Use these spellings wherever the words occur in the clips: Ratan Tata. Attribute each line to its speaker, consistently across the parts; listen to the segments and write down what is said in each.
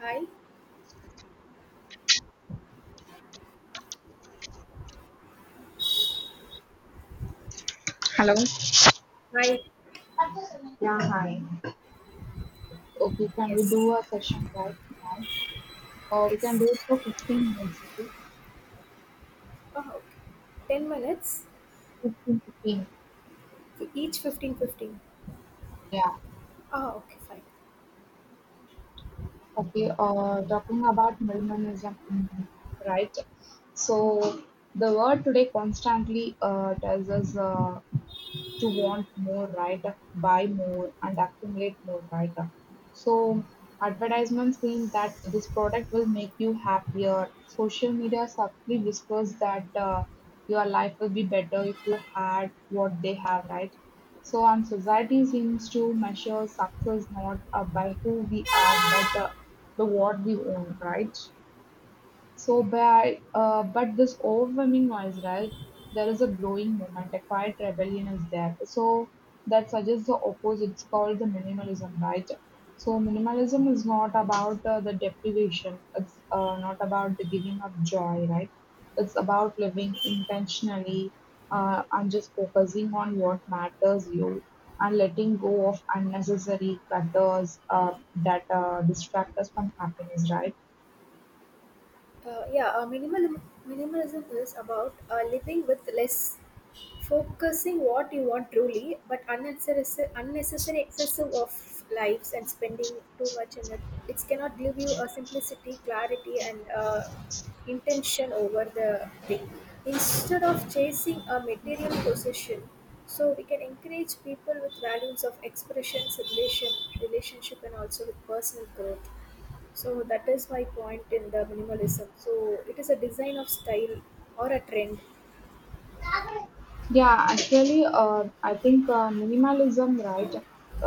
Speaker 1: Hi.
Speaker 2: Hello.
Speaker 1: Hi.
Speaker 2: Yeah, hi. Okay, can we
Speaker 1: Yes.
Speaker 2: do a session right now? Or we can do it
Speaker 1: Yes.
Speaker 2: for 15 minutes. Okay?
Speaker 1: Oh, okay. 10 minutes?
Speaker 2: 15, 15.
Speaker 1: Each 15 15.
Speaker 2: Yeah.
Speaker 1: Ah, okay, fine.
Speaker 2: Okay. Talking about minimalism, right? So the world today constantly tells us to want more, right? Buy more and accumulate more, right? So advertisements mean that this product will make you happier. Social media subtly whispers that your life will be better if you had what they have, right? So, and society seems to measure success not by who we are, but the what we own, right? So by but this overwhelming noise, right? There is a growing movement, a quiet rebellion is there. So that suggests the opposite. It's called the minimalism, right? So minimalism is not about the deprivation. It's not about the giving up joy, right? It's about living intentionally and just focusing on what matters you and letting go of unnecessary clutters that distract us from happiness, right?
Speaker 1: Uh, yeah, uh, minimal, minimalism is about living with less, focusing what you want truly, but unnecessary excessive of lives and spending too much in it. It cannot give you a simplicity, clarity, and intention over the thing. Instead of chasing a material possession, so we can encourage people with values of expression, relation, relationship, and also with personal growth. So that is my point in the minimalism. So it is a design of style or a trend.
Speaker 2: Yeah, actually, I think minimalism, right,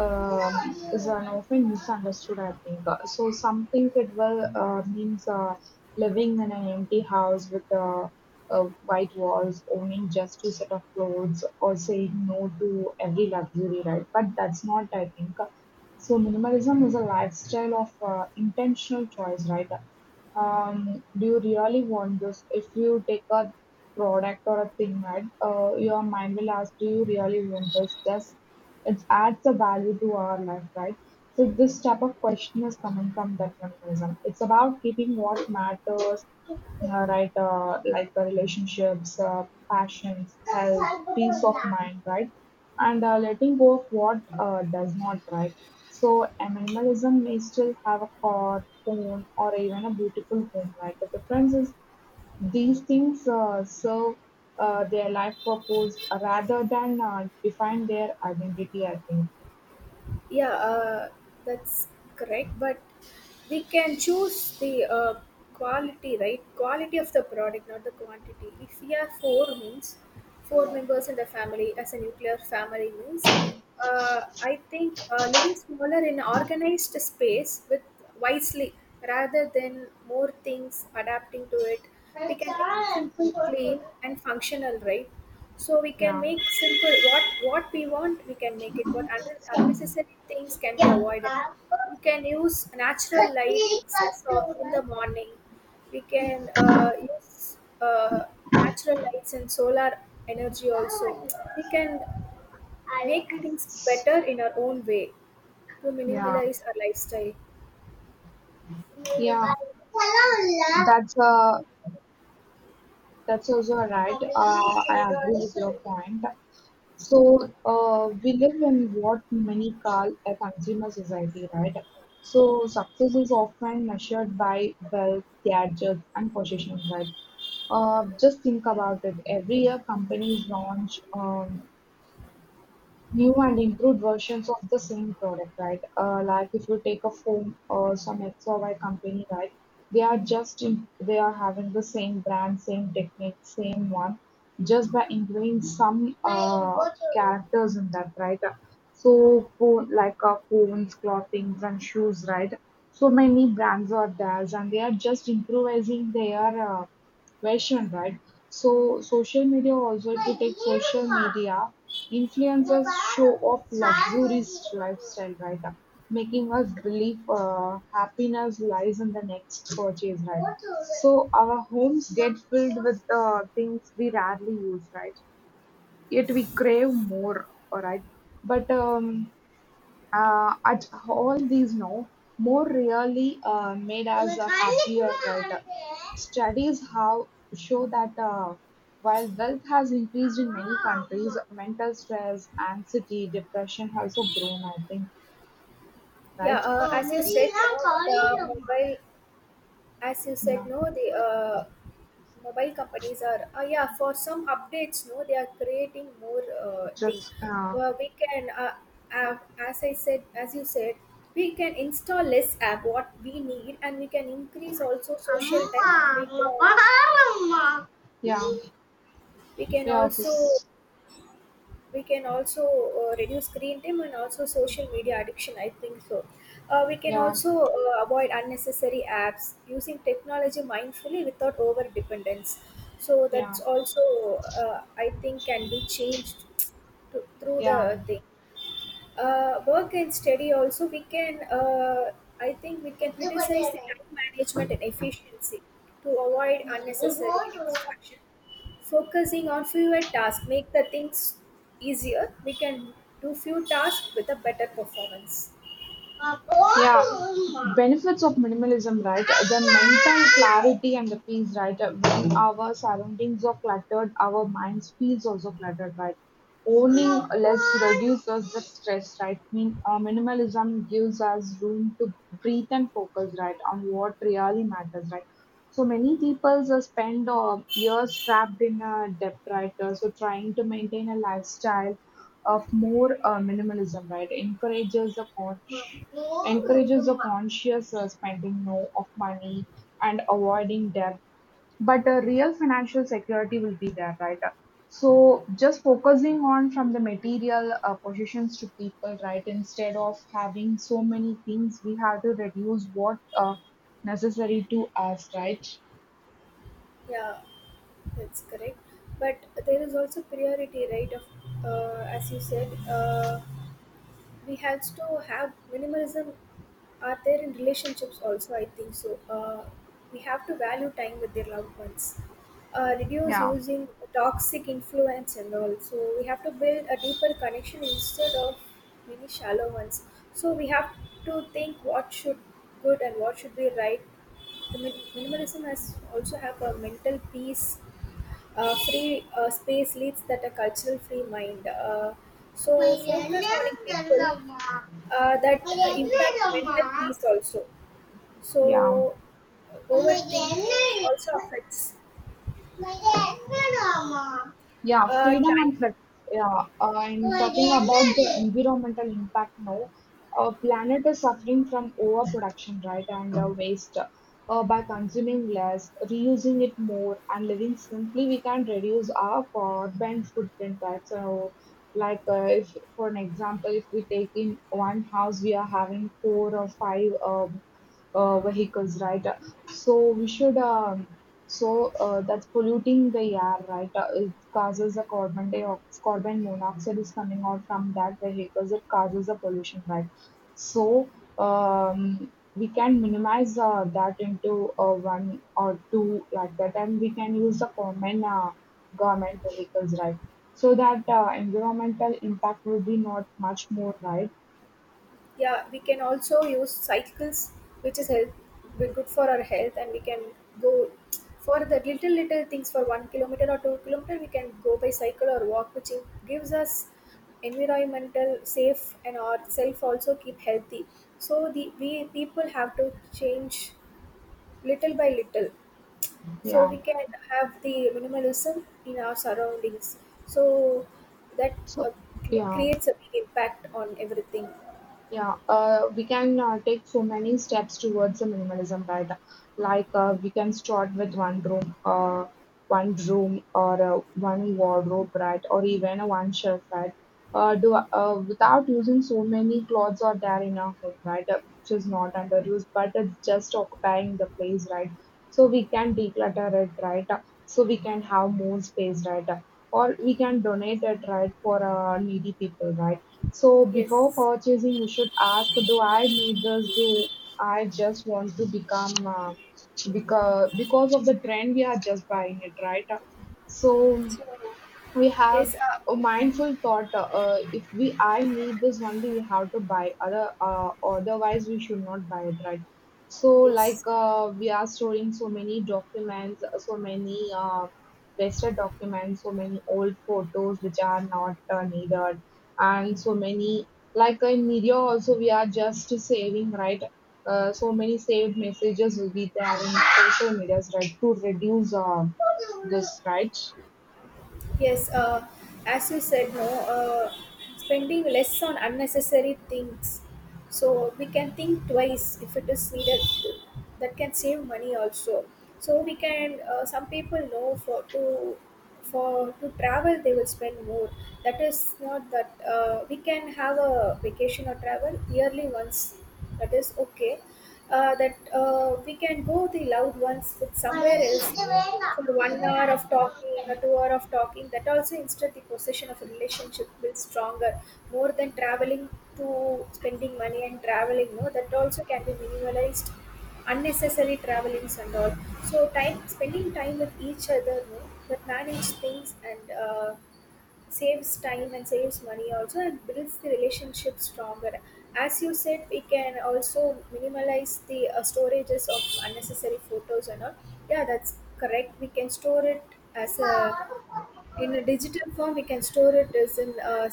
Speaker 2: is an often misunderstood. I think Some think it will means living in an empty house with white walls, owning just two set of clothes, or saying no to every luxury, right? But that's not. I think so. Minimalism is a lifestyle of intentional choice, right? Do you really want this? If you take a product or a thing, right? Your mind will ask, do you really want this? Does it adds a value to our life, right? So this type of question is coming from that mechanism. It's about keeping what matters, right? Like the relationships, passions, health, peace of mind, right? And letting go of what does not, right? So animalism may still have a car, phone, or even a beautiful home, right? The difference is these things serve their life purpose rather than define their identity, I think.
Speaker 1: Yeah, uh, that's correct. But we can choose the quality, right? Quality of the product, not the quantity. If we are four means four members in the family, as a nuclear family means, I think living smaller in organized space with wisely rather than more things adapting to it, we can make it simple, clean, and functional, right? So we can
Speaker 2: Yeah.
Speaker 1: make simple what we want, we can make it. But
Speaker 2: Yeah.
Speaker 1: unnecessary things can be
Speaker 2: Yeah.
Speaker 1: avoided. We can use natural light excess of in the morning. We can use natural lights and solar energy also. We can make things better in our own way to minimalize our lifestyle.
Speaker 2: That's uh, that's also right. I agree with your point. So, we live in what many call a consumer society, right? So, success is often measured by wealth, gadgets, and possessions, right? Just think about it. Every year, companies launch new and improved versions of the same product, right? Like if you take a phone or some X or Y company, right? They are just in, they are having the same brand, same technique, same one, just by including some characters in that, right? So phone like phones, clothing, and shoes, right? So many brands are there, and they are just improvising their version, right? So social media also, if you take social media, influencers show off luxurious lifestyle, right? Making us believe happiness lies in the next purchase, right? So our homes get filled with things we rarely use, right? Yet we crave more, all right? But at all these no, more really made us happier, right? Studies have show that while wealth has increased in many countries, mental stress, anxiety, depression has also grown, I think,
Speaker 1: Yeah,
Speaker 2: right?
Speaker 1: as you said, no, the mobile, as you said,
Speaker 2: Yeah,
Speaker 1: no, the mobile companies are yeah for some updates no they are creating more thing.
Speaker 2: just
Speaker 1: We can uh, as I said, as you said, we can install less app what we need and we can increase also social time, and
Speaker 2: yeah,
Speaker 1: we can
Speaker 2: yeah, okay.
Speaker 1: also
Speaker 2: s-
Speaker 1: we can also reduce screen time and also social media addiction, I think so. We can
Speaker 2: yeah,
Speaker 1: also avoid unnecessary apps using technology mindfully without over dependence. So that's
Speaker 2: yeah,
Speaker 1: also I think can be changed to, through the thing. Work and study also we can I think we can criticize
Speaker 2: yeah.
Speaker 1: the time management and efficiency to avoid unnecessary distraction. Focusing on fewer tasks make the things easier. We can do few tasks with a better performance.
Speaker 2: Yeah, benefits of minimalism, right? The mental clarity and the peace, right? When our surroundings are cluttered, our minds feels also cluttered, right? Owning less reduces the stress, right? Minimalism gives us room to breathe and focus, right, on what really matters, right? So many people spend years trapped in a debt, right? So trying to maintain a lifestyle of more minimalism, right? Encourages a conscious spending no of money and avoiding debt. But a real financial security will be there, right? So just focusing on from the material possessions to people, right? Instead of having so many things, we have to reduce what necessary to us, right?
Speaker 1: Yeah, that's correct. But there is also priority, right, of as you said, we have to have minimalism are there in relationships also, I think so. We have to value time with their loved ones, reduce
Speaker 2: Yeah,
Speaker 1: using toxic influence and all, so we have to build a deeper connection instead of many shallow ones. So we have to think what should good and what should be right. The minimalism has also have a mental peace. Free space leads that a cultural free mind. So focus on people, that impact mental peace also.
Speaker 2: yeah.
Speaker 1: So
Speaker 2: 我们人
Speaker 1: overthinking
Speaker 2: 类。
Speaker 1: also affects
Speaker 2: Yeah, freedom
Speaker 1: time.
Speaker 2: and flex. Yeah, and talking about the environmental impact now, our planet is suffering from overproduction, right, and waste. By consuming less, reusing it more, and living simply, we can reduce our carbon footprint, right? So, like, if for an example, if we take in one house, we are having four or five vehicles, right? So we should. So that's polluting the air, right? It causes the carbon dioxide, carbon monoxide is coming out from that vehicles. It causes the pollution, right? So we can minimize that into one or two like that, and we can use the common government vehicles, right? So that environmental impact will be not much more, right?
Speaker 1: Yeah, we can also use cycles, which is health, be good for our health, and we can go for the little little things for 1 kilometer or 2 kilometer. We can go by cycle or walk, which gives us environmental safe and ourself also keep healthy. So the we people have to change little by little, so
Speaker 2: Yeah.
Speaker 1: we can have the minimalism in our surroundings, so that uh,
Speaker 2: So yeah.
Speaker 1: creates a big impact on everything.
Speaker 2: Yeah, we can take so many steps towards the minimalism, right? Like we can start with one room, or one wardrobe, right? Or even a one shelf, right? Do without using so many clothes are there in our home, right? Which is not underused, but it's just occupying the place, right? So we can declutter it, right? So we can have more space, right? Or we can donate it, right, for needy people, right? So before
Speaker 1: Yes.
Speaker 2: purchasing, we should ask, do I need this? Do I just want to become because of the trend we are just buying it, right? So
Speaker 1: So
Speaker 2: we have
Speaker 1: yes,
Speaker 2: a mindful thought if we I need this only we have to buy, other otherwise we should not buy it, right. So
Speaker 1: yes.
Speaker 2: like we are storing so many documents, so many wasted documents, so many old photos which are not needed, and so many like in media also we are just saving, right. So many saved messages will be there in social medias, right, to reduce this, right.
Speaker 1: Yes, as you said, no, spending less on unnecessary things. So we can think twice if it is needed. That can save money also. So we can. Some people know for to travel they will spend more. That is not that we can have a vacation or travel yearly once. That is okay. That We can go the loved ones with somewhere else for 1 hour of talking or 2 hour of talking, that also instead the possession of a relationship builds stronger more than traveling. To spending money and traveling no, that also can be minimalized, unnecessary travelings and all. So time spending time with each other no, that manage things and saves time and saves money also and builds the relationship stronger. As you said, we can also minimalize the storages of unnecessary photos and all. Yeah, that's correct, we can store it as a in a digital form. We can store it as in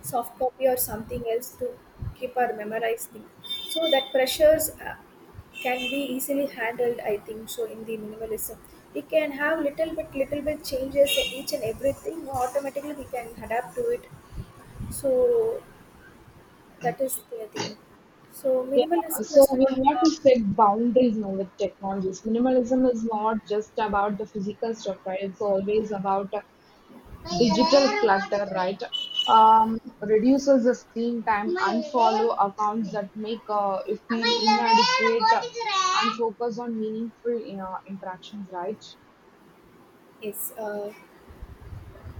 Speaker 1: soft copy or something else to keep or memorize thing, so that pressures can be easily handled, I think. So in the minimalism, we can have little bit changes in each and everything. Automatically, we can adapt to it. So that is the thing. So
Speaker 2: Yeah,
Speaker 1: minimalism
Speaker 2: so
Speaker 1: is
Speaker 2: we
Speaker 1: not.
Speaker 2: have to set boundaries now with technologies. Minimalism is not just about the physical stuff, right? It's always about digital clutter, right? Um, reduces the screen time, unfollow accounts that make you feel inadequate, and focus on meaningful interactions, right?
Speaker 1: Yes.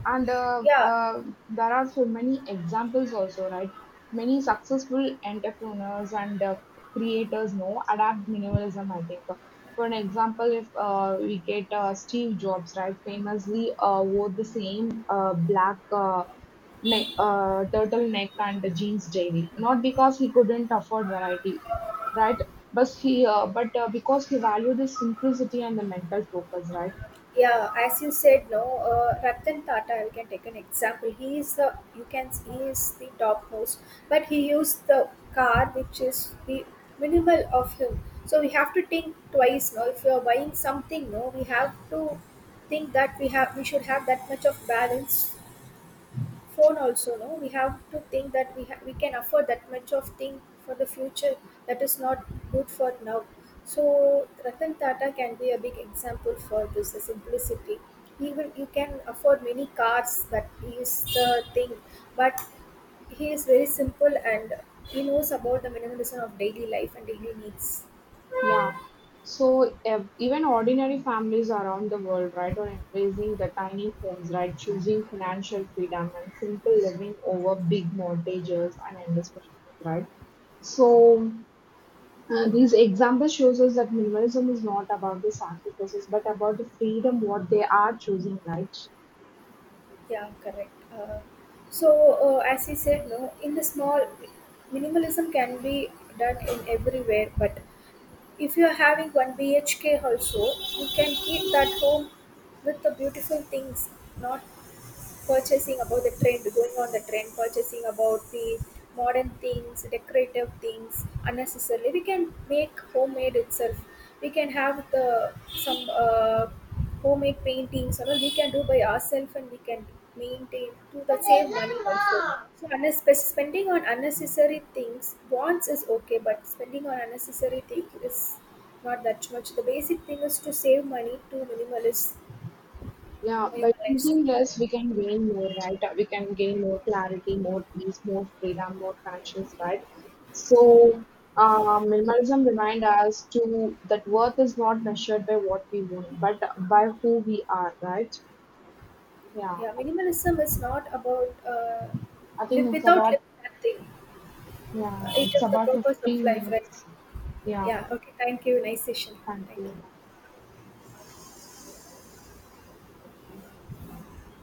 Speaker 2: And
Speaker 1: Yeah.
Speaker 2: there are so many examples also, right? Many successful entrepreneurs and creators know adapt minimalism, I think. For an example, if we get Steve Jobs, right? Famously wore the same black neck turtleneck and jeans daily, not because he couldn't afford variety, right? But he but because he valued the simplicity and the mental focus, right?
Speaker 1: Yeah, as you said, no, Ratan Tata, we can take an example. He is the you can he is the top host, but he used the car which is the minimal of him. So we have to think twice, no, if you are buying something, no, we have to think that we have we should have that much of balance. Phone also, no, we have to think that we can afford that much of thing for the future. That is not good for now. So Ratan Tata can be a big example for this, the simplicity. He will you can afford many cars, that is the thing, but he is very simple and he knows about the minimalism of daily life and daily needs.
Speaker 2: Yeah. So ev even ordinary families around the world, right, are embracing the tiny homes, right, choosing financial freedom and simple living over big mortgages and endless possessions, right? So these examples shows us that minimalism is not about the sacrifices, but about the freedom what they are choosing, right?
Speaker 1: Yeah, correct. So as he said, no, in the small, minimalism can be done in everywhere, but if you're having 1 BHK also, you can keep that home with the beautiful things, not purchasing about the trend, going on the trend, purchasing about the modern things, decorative things unnecessarily. We can make homemade itself. We can have the some homemade paintings, or we can do by ourselves, and we can maintain to the save money also. So unnecessary spending on unnecessary things wants is okay, but spending on unnecessary things is not that much. The basic thing is to save money to minimalist
Speaker 2: Yeah, by
Speaker 1: minimalize.
Speaker 2: choosing less, we can gain more, right? We can gain more clarity, more peace, more freedom, more conscience, right? So, minimalism reminds us to that worth is not measured by what we want, but by who we are, right? Yeah,
Speaker 1: Yeah, minimalism is not about
Speaker 2: I think
Speaker 1: live without living that thing. It
Speaker 2: it's
Speaker 1: is the
Speaker 2: about
Speaker 1: purpose of
Speaker 2: 15
Speaker 1: life, right?
Speaker 2: minutes. Yeah,
Speaker 1: Yeah. Okay. Thank you. Nice session.
Speaker 2: thank
Speaker 1: Thank
Speaker 2: you.
Speaker 1: you.